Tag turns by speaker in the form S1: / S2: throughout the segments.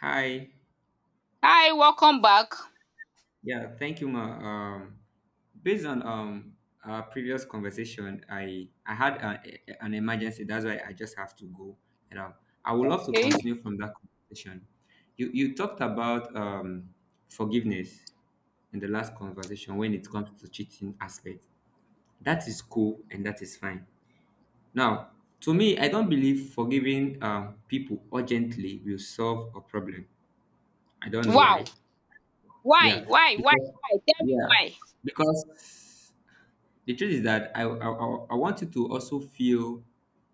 S1: Hi.
S2: Hi, welcome back.
S1: Yeah, thank you, Ma. Based on our previous conversation, I had an emergency. That's why I just have to go. And I would love to
S2: Okay.
S1: continue from that conversation. You talked about forgiveness in the last conversation when it comes to cheating aspect. That is cool and that is fine. Now, to me, I don't believe forgiving people urgently will solve a problem. I don't know
S2: Wow.
S1: why.
S2: Why?
S1: Yeah,
S2: Why? Why? Why? Tell me
S1: yeah,
S2: why.
S1: because the truth is that I want you to also feel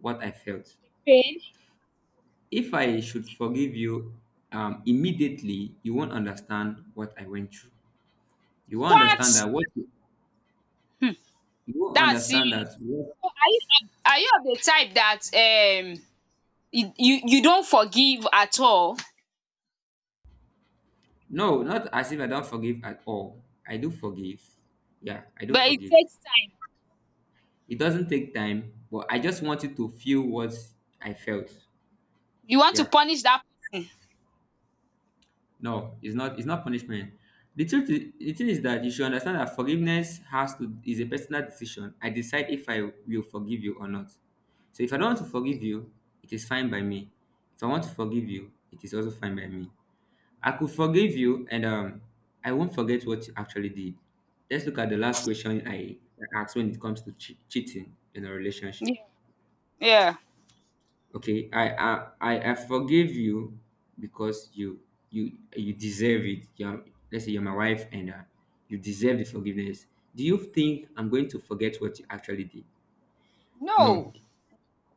S1: what I felt.
S2: Pain?
S1: If I should forgive you immediately, you won't understand what I went through. You won't understand
S2: What?
S1: that what you
S2: Hmm.
S1: you won't
S2: That's serious.
S1: understand
S2: So are you are you of the type that you don't forgive at all,
S1: no, not as if I don't forgive at all. I do forgive. Yeah, I do
S2: but it
S1: forgive.
S2: takes time.
S1: It doesn't take time, but I just want you to feel what I felt.
S2: You want to
S1: Yeah.
S2: punish that person.
S1: No, it's not. It's not punishment. The thing is that you should understand that forgiveness has to is a personal decision. I decide if I will forgive you or not. So if I don't want to forgive you, it is fine by me. If I want to forgive you, it is also fine by me. I could forgive you, and I won't forget what you actually did. Let's look at the last question I asked when it comes to cheating in a relationship.
S2: Yeah. Yeah.
S1: Okay, I forgive you because you deserve it. Let's say you're my wife and you deserve the forgiveness. Do you think I'm going to forget what you actually did? No.
S2: No.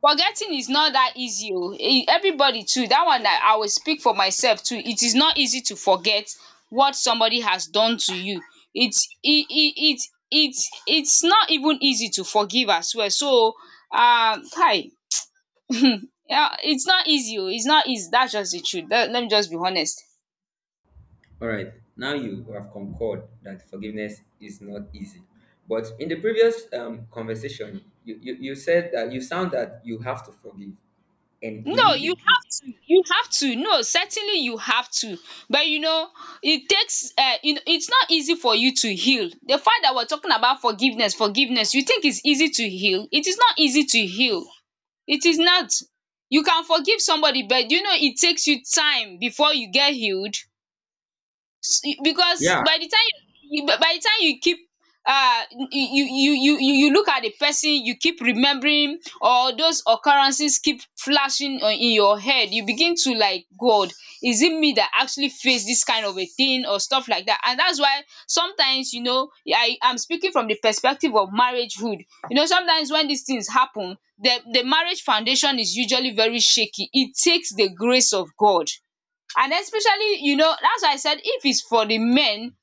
S2: Forgetting is not that easy oh. Eh, everybody too dat one na, I will speak for myself too, it is not easy to forget what somebody has done to you. Its e e it it it's not even easy to forgive as well, so kai, yeah, its not easy oh, its not easy. That's just the truth. Let me just be honest.
S1: All right. Now you have concurred that forgiveness is not easy. But in the previous conversation, you said that you sound that you have to forgive and
S2: No, you
S1: immediately.
S2: have to. You have to. No, certainly you have to. But you know, it takes. You know, it's not easy for you to heal. The fact that we're talking about forgiveness. You think it's easy to heal? It is not easy to heal. It is not. You can forgive somebody, but you know it takes you time before you get healed because
S1: Yeah.
S2: by the time you, by the time you keep uh you you look at the person, you keep remembering, or those occurrences keep flashing on in your head, you begin to like, God, is it me that actually faced this kind of a thing or stuff like that? And that's why sometimes, you know, I'm speaking from the perspective of marriagehood. You know, sometimes when these things happen, the marriage foundation is usually very shaky. It takes the grace of God. And especially, you know, that's why I said if it's for the men,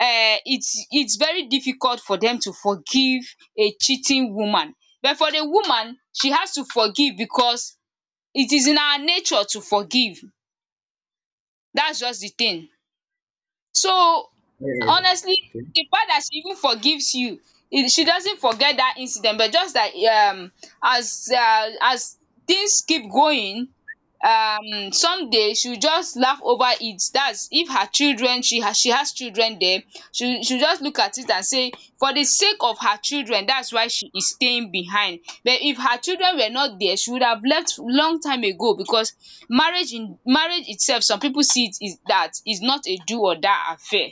S2: it's very difficult for them to forgive a cheating woman. But for the woman, she has to forgive because it is in her nature to forgive. That's just the thing. So
S1: Yeah.
S2: honestly,
S1: Okay.
S2: the fact that she even forgives you, e she doesn't forget that incident, but just that as things keep going, someday she will just laugh over it, dats if her children, she has children den, she will just look at it and say, for the sake of her children, dats why she is staying behind. But if her children were not there, she would have left long time ago because marriage, in marriage itself, some people see it is that is not a do or die affair.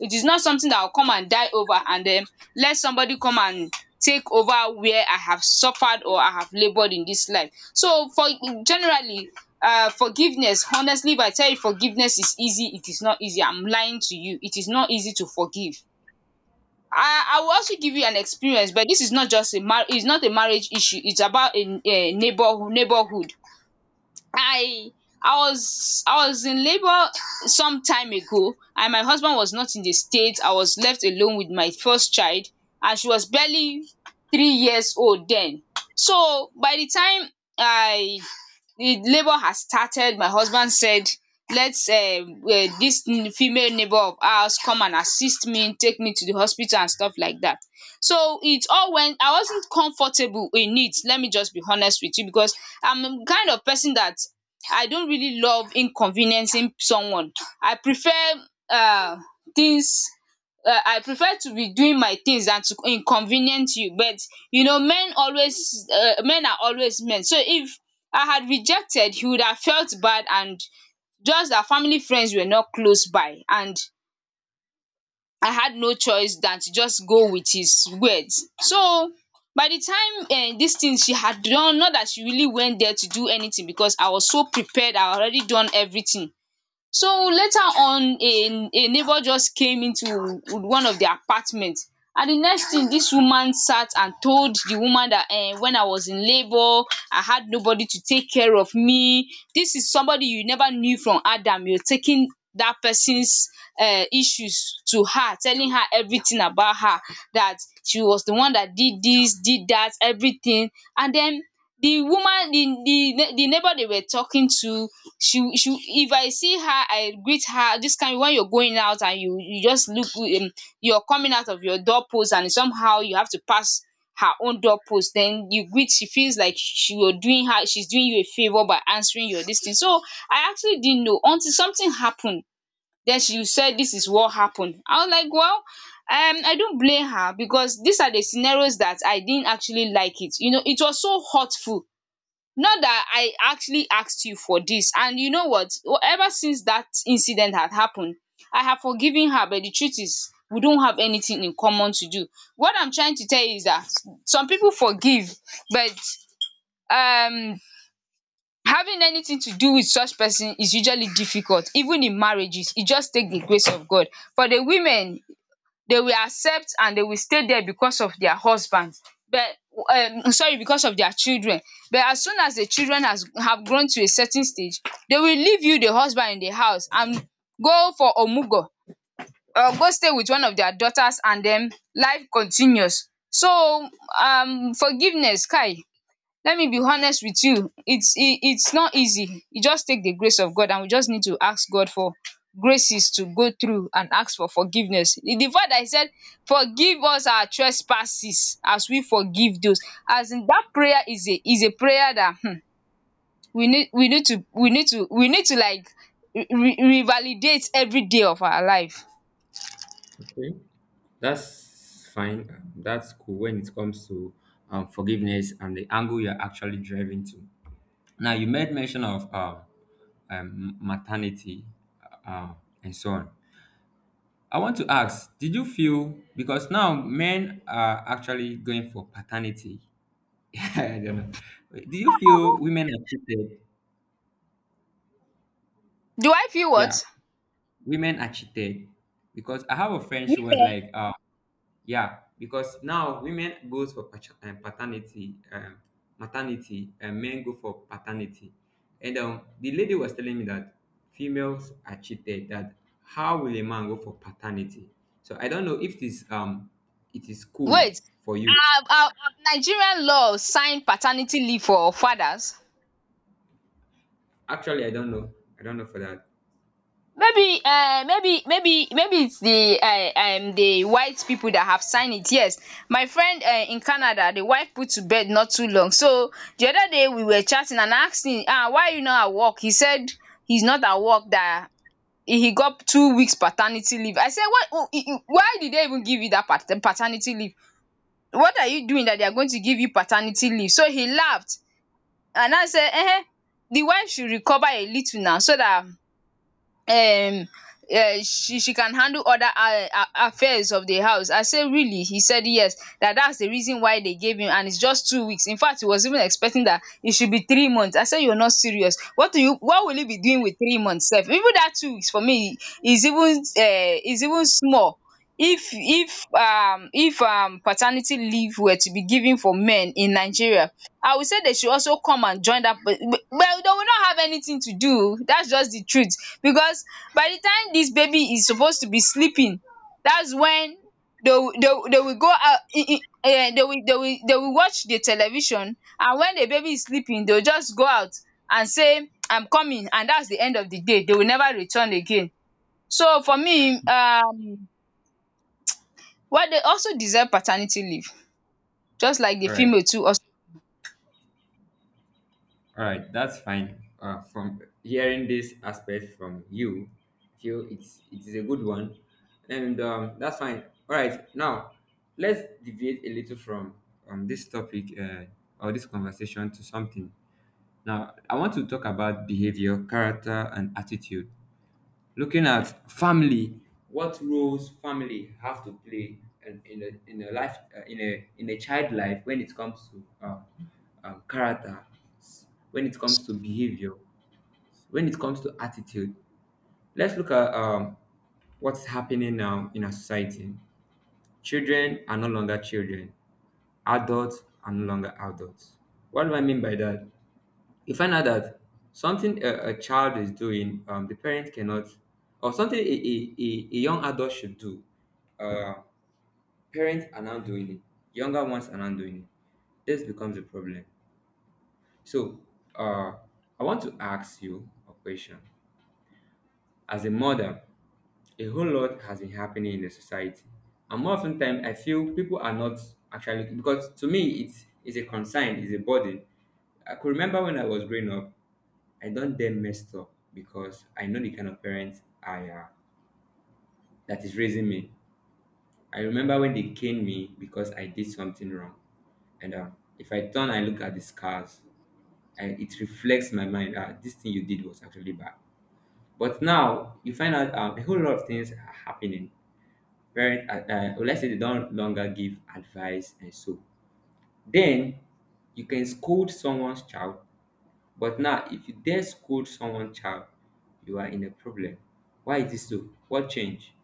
S2: It is not something that I'll come and die over and then let somebody come and take over where I have suffered or I have labored in this life. So for generally, forgiveness, honestly, if I tell you forgiveness is easy, it is not easy. I'm lying to you. It is not easy to forgive. I will also give you an experience, but this is not just a mar it's not a marriage issue. It's about a neighbourhood. I I was, I was in labour some time ago, and my husband was not in the state. I was left alone with my first child, and she was barely 3 years old then. So by the time I, the labour has started, my husband said, let's eh, this female neighbor of ours come and assist me, take me to the hospital and stuff like that. So it all went. I wasn't comfortable in it, let me just be honest with you, because I'm a kind of person that I don't really love inconveniencing someone. I prefer uh things I prefer to be doing my things than to inconvenience you. But you know, men always, men are always men. So if I had rejected, he would have felt bad. And just that family friends were not close by, and I had no choice than to just go with his words. So by the time, dis thing she had done, not that she really went there to do anything, because I was so prepared, I had already done everything. So later on, a neighbour just came into one of their apartment, and the next thing, this woman sat and told the woman that, when I was in labour I had nobody to take care of me. This is somebody you never knew from Adam, you're taking that person's issues to her, telling her everything about her, that she was the one that did this, did that, everything. And then the woman, the neighbor they were talking to, she if I see her I greet her. This kind, when you're going out and you just look, you're coming out of your doorpost, and somehow you have to pass her own doorpost, then you greet, she feels like she, you're doing her, she's doing you a favor by answering your this thing. So I actually didn't know until something happened. Then she said this is what happened. I was like, well, I don't blame her, because these are the scenarios that I didn't actually like it. You know, it was so hurtful. Not that I actually asked you for this, and you know what. Well, ever since that incident had happened, I have forgiven her, but the truth is we don't have anything in common to do. What I'm trying to tell you is that some people forgive, but um having anything to do with such person is usually difficult, even in marriages. It just take the grace of God. For the women, they will accept and they will stay there because of their husband, but sorry, because of their children. But as soon as the children has have grown to a certain stage, they will leave you, the husband, in the house and go for omugo, or go stay with one of their daughters, and then life continues. So forgiveness, kai, let me be honest with you, it's e it's not easy. E just take the grace of God, and we just need to ask God for graces to go through and ask for forgiveness. The fact that said, forgive us our trespasses as we forgive those, as in that prayer, is a prayer that, hmm, we need to we need to we need to like re re revalidate every day of our life.
S1: Okay. That's fine. That's cool when it comes to forgiveness and the angle you're actually driving to. Now, you made mention of maternity uh, and so on. I want to ask, did you feel because now men are actually going for paternity? I don't know. Do you feel women are cheated?
S2: Do I feel
S1: Yeah,
S2: what?
S1: women are cheated because I have a friend. She was
S2: Women,
S1: like, yeah, because now women goes for paternity, maternity, and men go for paternity. And the lady was telling me that females are cheated. That how will a man go for paternity? So I don't know if this it is cool
S2: wait,
S1: for you.
S2: have Nigerian law signed paternity leave for fathers?
S1: Actually, I don't know. I don't know for that.
S2: Maybe maybe it's the white people that have signed it, yes. My friend, in Canada, the wife put to bed not too long. So the other day we were chatting and I asked him, ah, why you not at work? He said he's not at work, that he got 2 weeks paternity leave. I said, why? Why did they even give you that paternity leave? What are you doing that they are going to give you paternity leave? So he laughed, and I said, eh, the wife should recover a little now so that um she can handle other affairs of the house. I say, really? He said yes, that that's the reason why they gave him, and it's just 2 weeks. In fact, he was even expecting that it should be 3 months. I said, you're not serious, what do you, what will you be doing with 3 months sef? Even that 2 weeks for me is even is even small. If paternity leave were to be given for men in Nigeria, I will say they should also come and join that. But they will not have anything to do. That's just the truth. Because by the time this baby is supposed to be sleeping, that's when they will go out. They will they will watch the television, and when the baby is sleeping, they will just go out and say, I'm coming, and that's the end of the day, they will never return again. So for me, what, they also deserve paternity leave, just like the
S1: All right.
S2: female too also.
S1: All right, that's fine. From hearing this aspect from you, I feel it is a good one, and that's fine. All right, now let's deviate a little from this topic or this conversation to something. Now I want to talk about behavior, character, and attitude. Looking at family, what roles family have to play in a life in a child life when it comes to character, when it comes to behavior, when it comes to attitude. Let's look at what's happening now in our society. Children are no longer children. Adults are no longer adults. What do I mean by that? You find out that something a child is doing, the parent cannot, or something a young adult should do, uh, parents are not doing it, younger ones are not doing it. This becomes a problem. So, uh, I want to ask you a question. As a mother, a whole lot has been happening in the society, and more often time, I feel people are not actually, because to me, it's a concern, it's a burden. I could remember when I was growing up, I don't dare mess up because I know the kind of parents I am that is raising me. I remember when they caned me because I did something wrong. And if I turn and look at the scars, and it reflects my mind, this thing you did was actually bad. But now you find out, a whole lot of things are happening. Parents, well, let's say they don't longer give advice and so. Then you can scold someone's child. But now, if you dare scold someone child, you are in a problem. Why is this so? What change?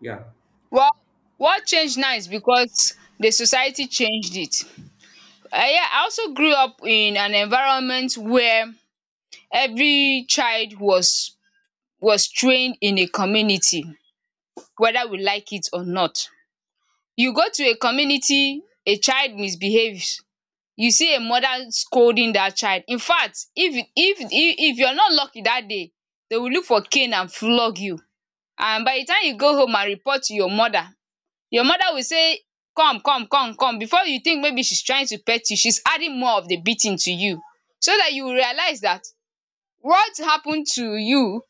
S1: Yeah.
S2: Well, what changed now is because the society changed it. I, yeah, I also grew up in an environment where every child was trained in a community whether we like it or not. You go to a community, a child misbehaves, you see a mother scolding that child. In fact, if you're not lucky that day, they will look for cane and flog you, and by the time you go home and report to your mother, your mother will say come come come come. Before you think maybe she's trying to pet you, she's adding more of the beating to you so that you realize that what happened to you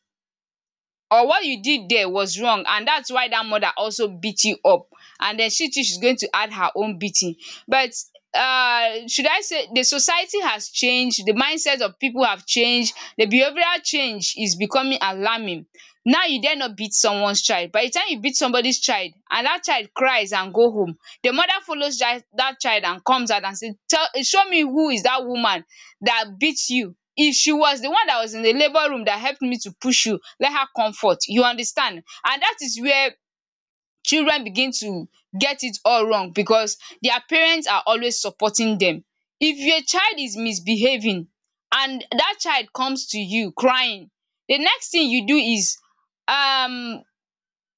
S2: or what you did there was wrong, and that's why that mother also beat you up, and then she too she's going to add her own beating. But should I say the society has changed, the mindset of people have changed, the behavioral change is becoming alarming. Now you dare not beat someone's child. By the time you beat somebody's child and that child cries and go home, the mother follows that child and comes out and says, tell, show me who is that woman that beats you. If she was the one that was in the labour room that helped me to push you, let her comfort. You understand? And that is where children begin to get it all wrong, because their parents are always supporting them. If your child is misbehaving and that child comes to you crying, the next thing you do is um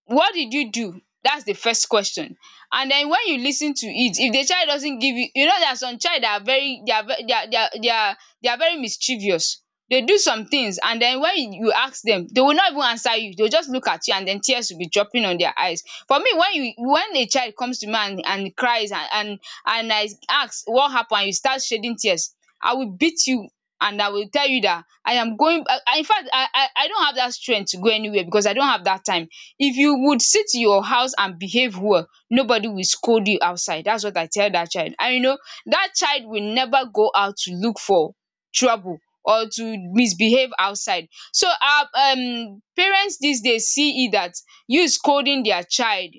S2: what did you do? That's the first question. And then when you lis ten to it, if the child doesn't give you, you know there are some child that are very, they are ve- they are they are they are they are very mischievous. They do some things, and then when you ask them, they will not even answer you, they will just look at you and then tears will be dropping on their eyes. For me, when you, when a child comes to me and cries and I ask what happened, and you start shedding tears, I will beat you, and I will tell you that I am going, I infact I don't have that strength to go anywhere because I don't have that time. If you would sit in your house and behave well, nobody will scold you outside. That's what I tell that child, and you know that child will never go out to look for trouble or to misbehave outside. So our parents these days see it that you scolding their child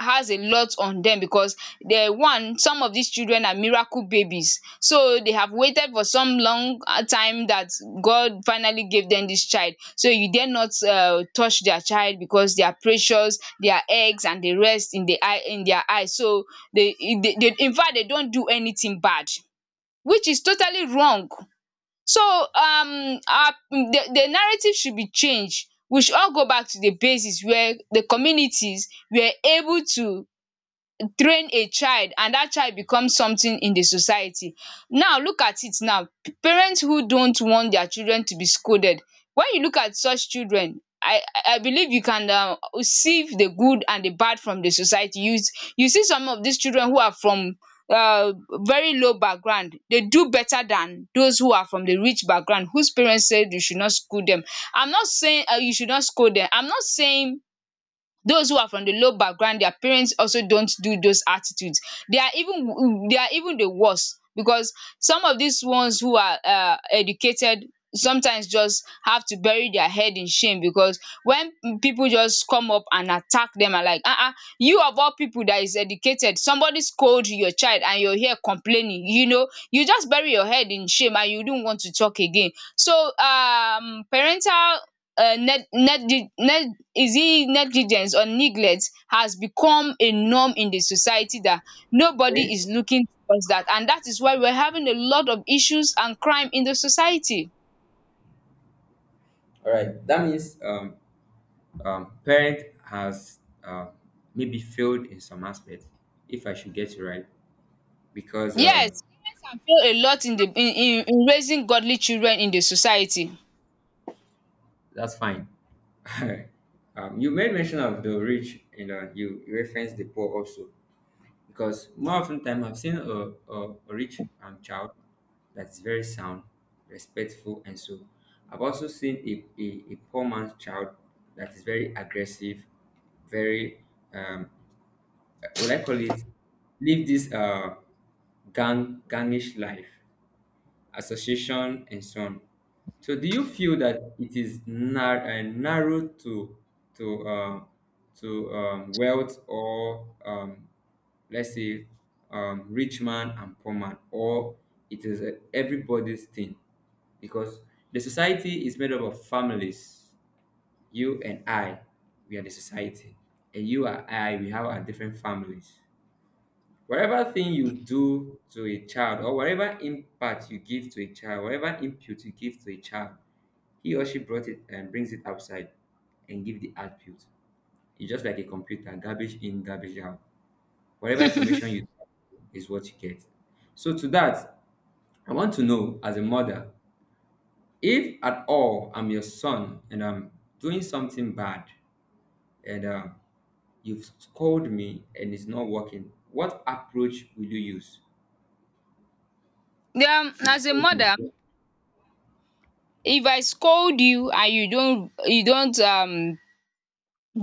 S2: has a lot on them, because the one, some of these children are miracle babies, so they have waited for some long time, that God finally gave them this child, so you dare not touch their child because they are precious, their eggs and the rest in the eye, in their eyes. So they, they in fact they don't do anything bad, which is totally wrong. So the narrative should be changed. We should all go back to the basis where the communities were able to train a child, and that child becomes something in the society. Now look at it now, parents who don't want their children to be scolded, when you look at such children, I believe you can see the good and the bad from the society. You see some of these children who are from uh very low background, they do better than those who are from the rich background whose parents said you should not school them. I'm not saying you should not scold them. I'm not saying those who are from the low background, their parents also don't do those attitudes. They are even the worst, because some of these ones who are educated sometimes just have to bury their head in shame, because when people just come up and attack them and like you of all people that is educated, somebody scold your child and you're here complaining, you know, you just bury your head in shame and you don't want to talk again. So parental is it negligence or neglect has become a norm in the society, that nobody
S1: Okay.
S2: is looking towards that, and that is why we're having a lot of issues and crime in the society.
S1: All right. That means parent has maybe failed in some aspects, if I should get it right, because
S2: Yes, parents can fail a lot in the in raising godly children in the society.
S1: that's fine. You made mention of the rich, and you referenced the poor also. Because more often time I've seen a rich child that's very sound, respectful, and so. I've also seen a poor man's child that is very aggressive, very um, will I call it live this gangish life association, and so on. So, do you feel that it is narrow to um, to wealth or let's say rich man and poor man, or it is everybody's thing? Because the society is made up of families. You and I, we are the society, and you and I, we have our different families. Whatever thing you do to a child or whatever impact you give to a child, whatever input you give to a child, he or she brought it and brings it outside and give the output. It's just like a computer, garbage in, garbage out. Whatever information you do is what you get. So to that, I want to know as a mother, if at all I'm your son and I'm doing something bad and you've scolded me and it's not working, what approach will you use? You've
S2: As a
S1: scolded me.
S2: mother, if I scold you and you don't you don't um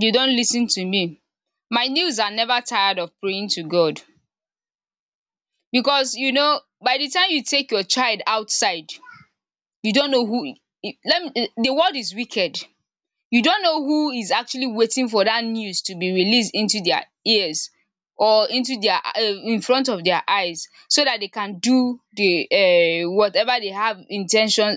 S2: you don't listen to me, my knees are never tired of praying to God, because you know, by the time you take your child outside, you don't know who, let me, the world is wicked. You don't know who is actually waiting for that news to be released into their ears or into their in front of their eyes, so that they can do the whatever they have in,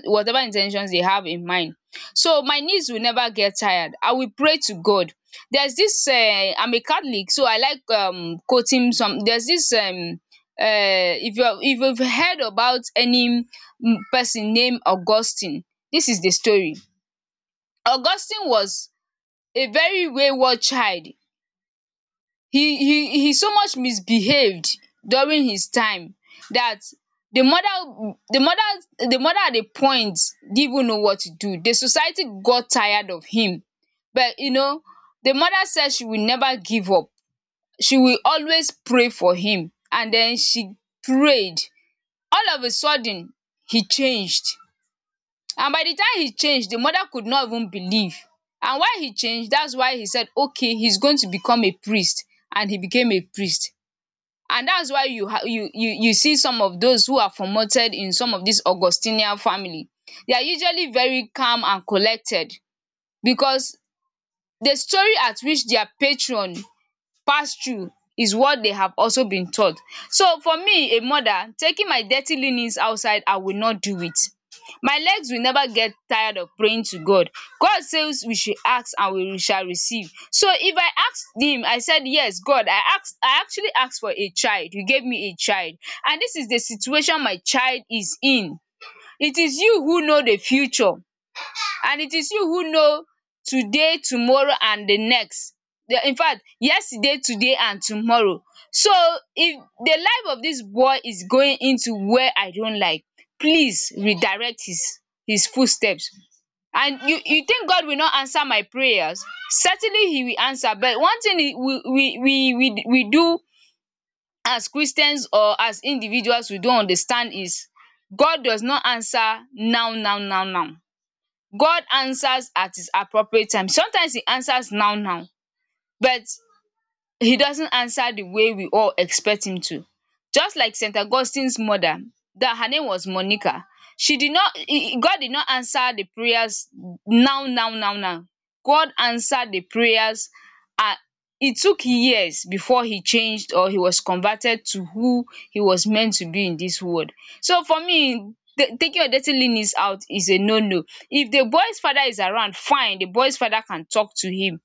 S2: whatever intentions they have in mind. So my knees will never get tired, I will pray to God. There's this I'm a Catholic, so I like quoting some. There's this if you, if you've heard about any person named Augustine, this is the story. Augustine was a very wayward child. He so much misbehaved during his time, that the mother, the mother at a point didn't even know what to do. The society got tired of him, but you know, the mother said she will never give up, she will always pray for him, and then she prayed. All of a sudden, he changed, and by the time he changed, the mother could not even believe. And why he changed, that's why he said, okay, he's going to become a priest. And he became a priest. And that's why you, ha- you see some of those who are promoted in some of this Augustinian family. They are usually very calm and collected because the story at which their patron pass-through is what they have also been taught. So for me, a mother, taking my dirty linens outside, I will not do it. My legs will never get tired of praying to God. God says we should ask and we shall receive. So if I asked him, I said, yes, God, I actually asked for a child. You gave me a child. And this is the situation my child is in. It is you who know the future, and it is you who know today, tomorrow and the next. In fact, yesterday, today and tomorrow. So, if the life of this boy is going into where I don't like, please redirect his footsteps. And you think God will not answer my prayers? Certainly he will answer. But one thing we do as Christians or as individuals, we don't understand, is God does not answer now. God answers at his appropriate time. Sometimes he answers now now, but he doesn't answer the way we all expect him to. Just like St. Augustine's mother, that her name was Monica. She did not, God did not answer the prayers now. God answered the prayers. Uh, it took years before he changed or he was converted to who he was meant to be in this world. So for me, taking your dirty linens out is a no no. If the boy's father is around, fine, the boy's father can talk to him,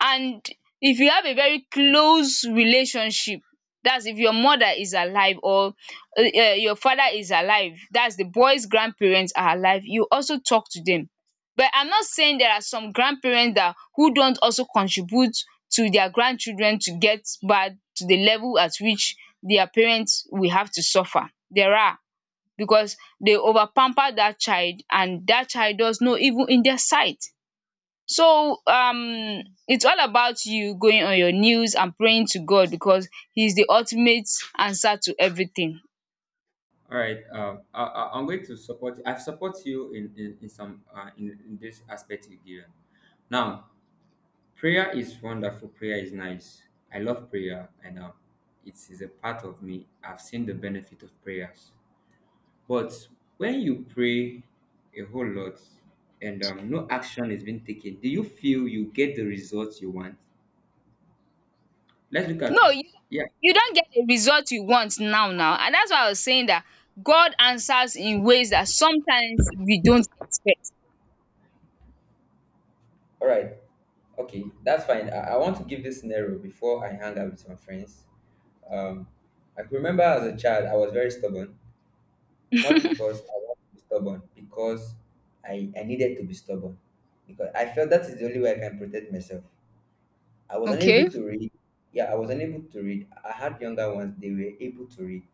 S2: and if you have a very close relationship, that is, if your mother is alive, or your father is alive, that is, the boy's grandparents are alive, you also talk to them. But I'm not saying, there are some grandparents that, who don't also contribute to their grandchildren, to get back to the level at which their parents will have to suffer. There are, because they over pamper that child, and that child does not even in their sight. So it's all about you going on your knees and praying to God, because he's the ultimate answer to everything.
S1: All right. I'm going to support. I support you in some in this aspect you given. Now, prayer is wonderful. Prayer is nice. I love prayer, and it is a part of me. I've seen the benefit of prayers. But when you pray a whole lot, and no action is being taken, do you feel you get the results you want? Let's look at,
S2: No, you
S1: yeah.
S2: you don't get the result you want now now, and that's why I was saying that God answers in ways that sometimes we don't expect.
S1: All right. Okay, that's fine. I want to give this scenario before I hang out with my friends. Um, I can remember as a child, I was very stubborn, not because I wanted to be stubborn, because I needed to be stubborn. Because I felt that is the only way I can protect myself. I was unable
S2: Okay?
S1: to read. Yeah, I was unable to read. I had younger ones, they were able to read.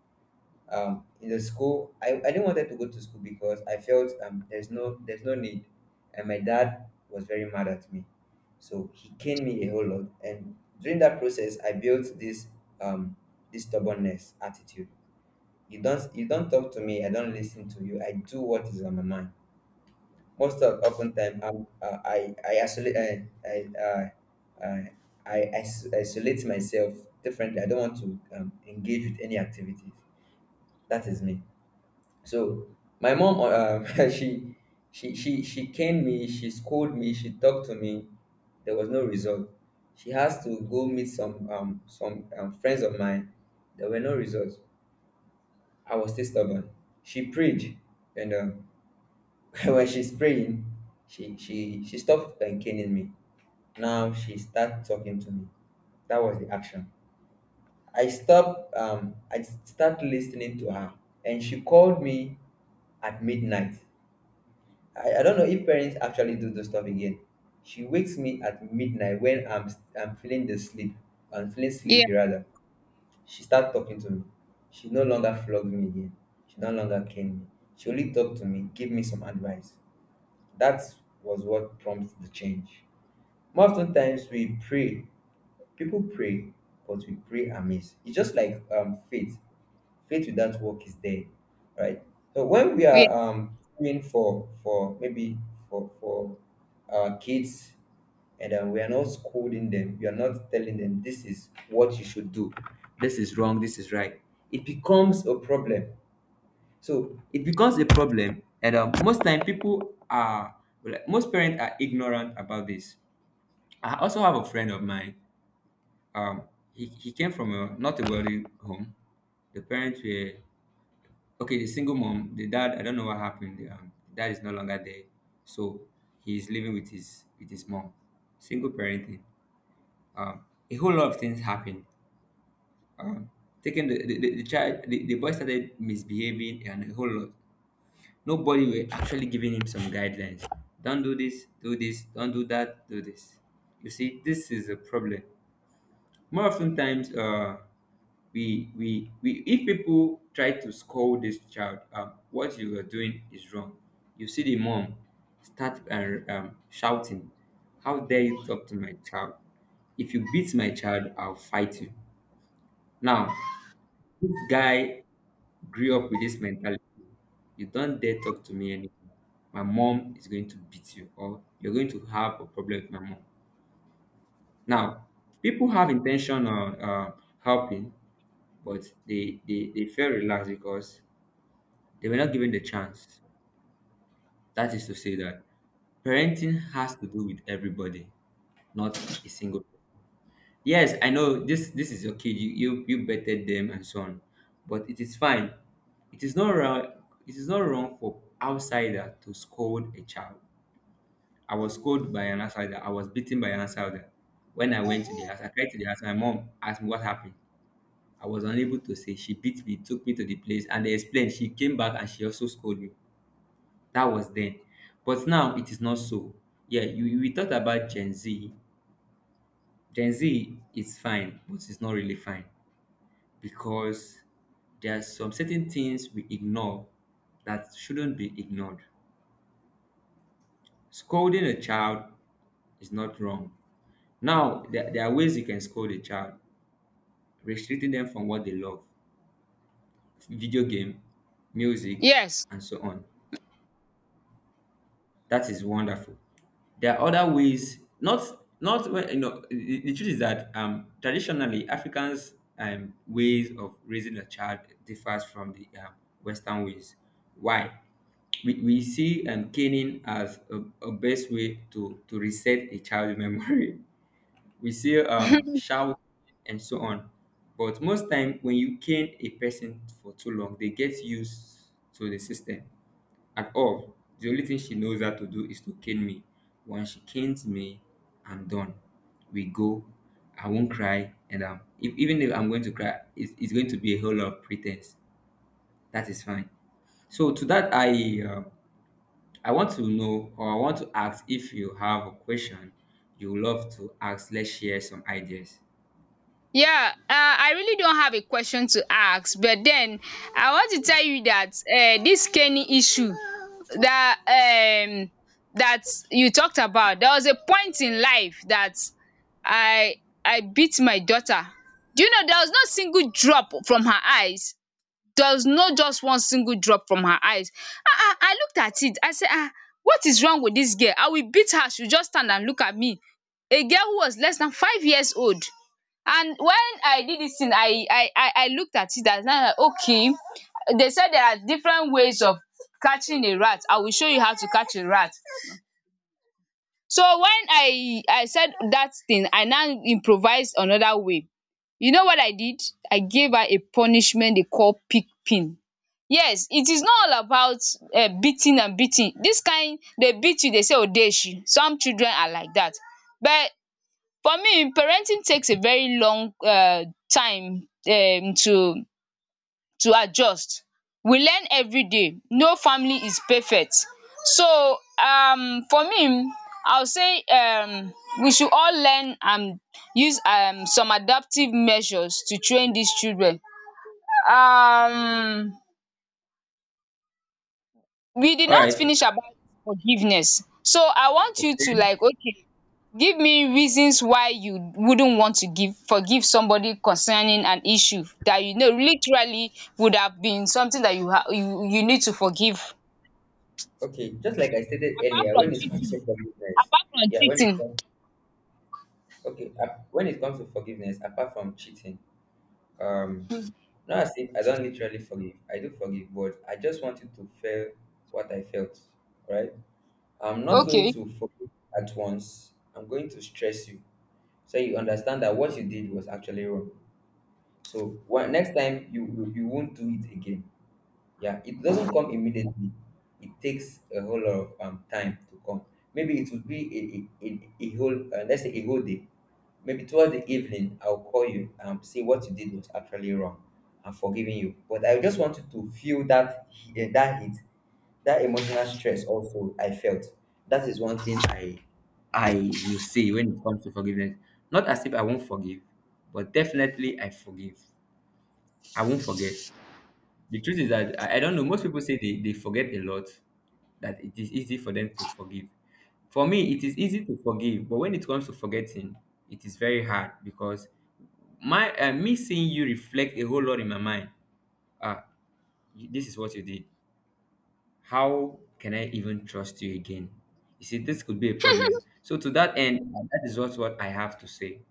S1: In the school, I didn't wanted to go to school because I felt there's no need. And my dad was very mad at me. So he caned me a whole lot. And during that process, I built this um, this stubbornness attitude. You don't talk to me. I don't listen to you. I do what is on my mind. Most of often time, I'm, I isolate uh, isolate myself differently. I don't want to engage with any activities. That is me. So my mom, she caned me. She scolded me. She talked to me. There was no result. She has to go meet some friends of mine. There were no results. I was still stubborn. She prayed, and when she's praying, she stopped caning me. Now she start talking to me. That was the action. I stopped. I start listening to her, and she called me at midnight. I don't know if parents actually do this stuff again. She wakes me at midnight when I'm feeling the sleep. I'm feeling
S2: Yeah.
S1: sleepy rather. She start talking to me, she no longer flogged me again, she no longer cane me, she only talk to me, give me some advice. That was what prompt the change. Most of ten times we pray. People pray, but we pray amiss. It's just like, faith. Faith without work is dead, right? So when we are praying for maybe for our kids, and we are not scolding them, we are not telling them this is what you should do, this is wrong, this is right. It becomes a problem. So it becomes a problem, and most time people are like, most parents are ignorant about this. I also have a friend of mine. Um, he came from a not a wealthy home. The parents were okay. The single mom, the dad. I don't know what happened. The dad is no longer there, so he's living with his mom. Single parenting. Um, a whole lot of things happened. Um, Taking the child, the boy started misbehaving and a whole lot. Nobody were actually giving him some guidelines. Don't do this, don't do that, do this. You see, this is a problem. More often times we if people try to scold this child, what you are doing is wrong. You see the mom start shouting, how dare you talk to my child? If you beat my child, I'll fight you. Now this guy grew up with this mentality. You don't dare talk to me anymore. My mom is going to beat you, or you're going to have a problem with my mom. Now people have intention of helping, but they felt relaxed because they were not given the chance. That is to say that parenting has to do with everybody, not a single person. Yes, I know this is your kid, you betted them and so on. But it is fine. It is not wrong, it is not wrong for outsider to scold a child. I was scolded by an outsider, I was beaten by an outsider. When I went to the house, I cried to the house, my mom asked me what happened. I was unable to say. She beat me, took me to the place, and they explained. She came back and she also scolded me. That was then. But now it is not so. Yeah, you we thought about Gen Z. Gen Z is fine, but it's not really fine because there are some certain things we ignore that shouldn't be ignored. Scolding a child is not wrong. Now, there are ways you can scold a child, restricting them from what they love: video game, music,
S2: Yes.
S1: and so on. That is wonderful. There are other ways, not not when you know. The truth is that traditionally Africans' ways of raising a child differs from the Western ways. Why? We see caning as a best way to reset a child's memory. We see
S2: Yes.
S1: shout and so on. But most time, when you cane a person for too long, they get used to the system at all. The only thing she knows how to do is to cane me. Once she canes me, I'm done. We go. I won't cry, and if, even if I'm going to cry, it's going to be a whole lot of pretense. That is fine. So to that, I want to know, or I want to ask if you have a question you would love to ask. Let's share some ideas.
S2: Yeah, I really don't have a question to ask, but then I want to tell you that this Kenny issue that um that you talked about, there was a point in life that I I beat my daughter. Do you know there was no single drop from her eyes? There was no just one single drop from her eyes. I looked at it. I said, ah, what is wrong with this girl? I will beat her. She'll just stand and look at me. A girl who was less than 5 years old. And when I did this thing, I looked at it and I was like, okay. They said there are different ways of catching a rat. I will show you how to catch a rat. So when I said that thing, I now improvised another way. You know what I did? I gave her a punishment they call pig pin. Yes, it is not all about beating and beating. This kind, they beat you, they say odeshi. Some children are like that. But for me, parenting takes a very long time to adjust. We learn everyday, no family is perfect. So for me I would say we should all learn and use some adaptive measures to train dis children. um we did
S1: All
S2: not
S1: right.
S2: finish about forgiveness, so I want you to,
S1: Okay.
S2: like, okay, give me reasons why you wouldn't want to give, forgive somebody concerning an issue that you know literally would have been something that you you need to forgive.
S1: Okay, just like I stated
S2: Apart
S1: earlier,
S2: from
S1: when it comes
S2: cheating,
S1: to forgiveness,
S2: apart from
S1: yeah, when it
S2: cheating.
S1: comes, okay, when it comes to forgiveness, apart from cheating, Um, not as if I don't literally forgive. I do forgive, but I just wanted to feel what I felt, right? I'm not going
S2: Okay,
S1: to forgive at once. I'm going to stress you so you understand that what you did was actually wrong. So next time you won't do it again. Yeah, it doesn't come immediately. It takes a whole lot of time to come. Maybe it would be a whole, let's say a whole day. Maybe towards the evening, I'll call you and say what you did was actually wrong. I'm forgiving you. But I just wanted to feel that, that hit, that emotional stress also I felt. That is one thing I will say when it comes to forgiveness. Not as if I won't forgive, but definitely I forgive. I won't forget. The truth is that I don't know. Most people say they forget a lot, that it is easy for them to forgive. For me, it is easy to forgive, but when it comes to forgetting, it is very hard because my me seeing you reflect a whole lot in my mind. Ah, this is what you did. How can I even trust you again? You see, this could be a problem. So to that end, that is what I have to say.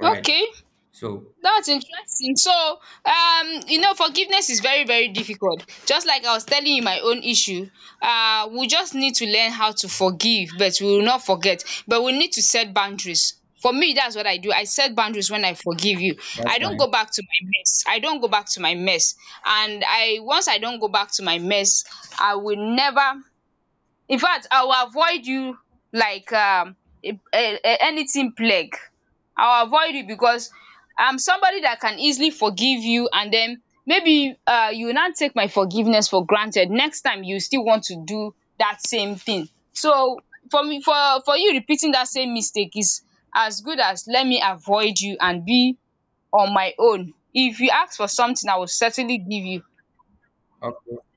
S1: All right.
S2: okay.
S1: So
S2: That's interesting. So, you know, forgiveness is very, very difficult. Just like I was telling you my own issue, we just need to learn how to forgive, but we will not forget. But we need to set boundaries. For me, that's what I do. I set boundaries when I forgive you.
S1: that's
S2: I don't
S1: fine.
S2: go back to my mess. I don't go back to my mess. And I, once I don't go back to my mess, I will never, in fact I will avoid you, like anything plague. I will avoid you because I'm somebody that can easily forgive you, and then maybe you will not take my forgiveness for granted. Next time you still want to do that same thing, so for me, for you repeating that same mistake is as good as, let me avoid you and be on my own. If you ask for something, I will certainly give you.
S1: Okay.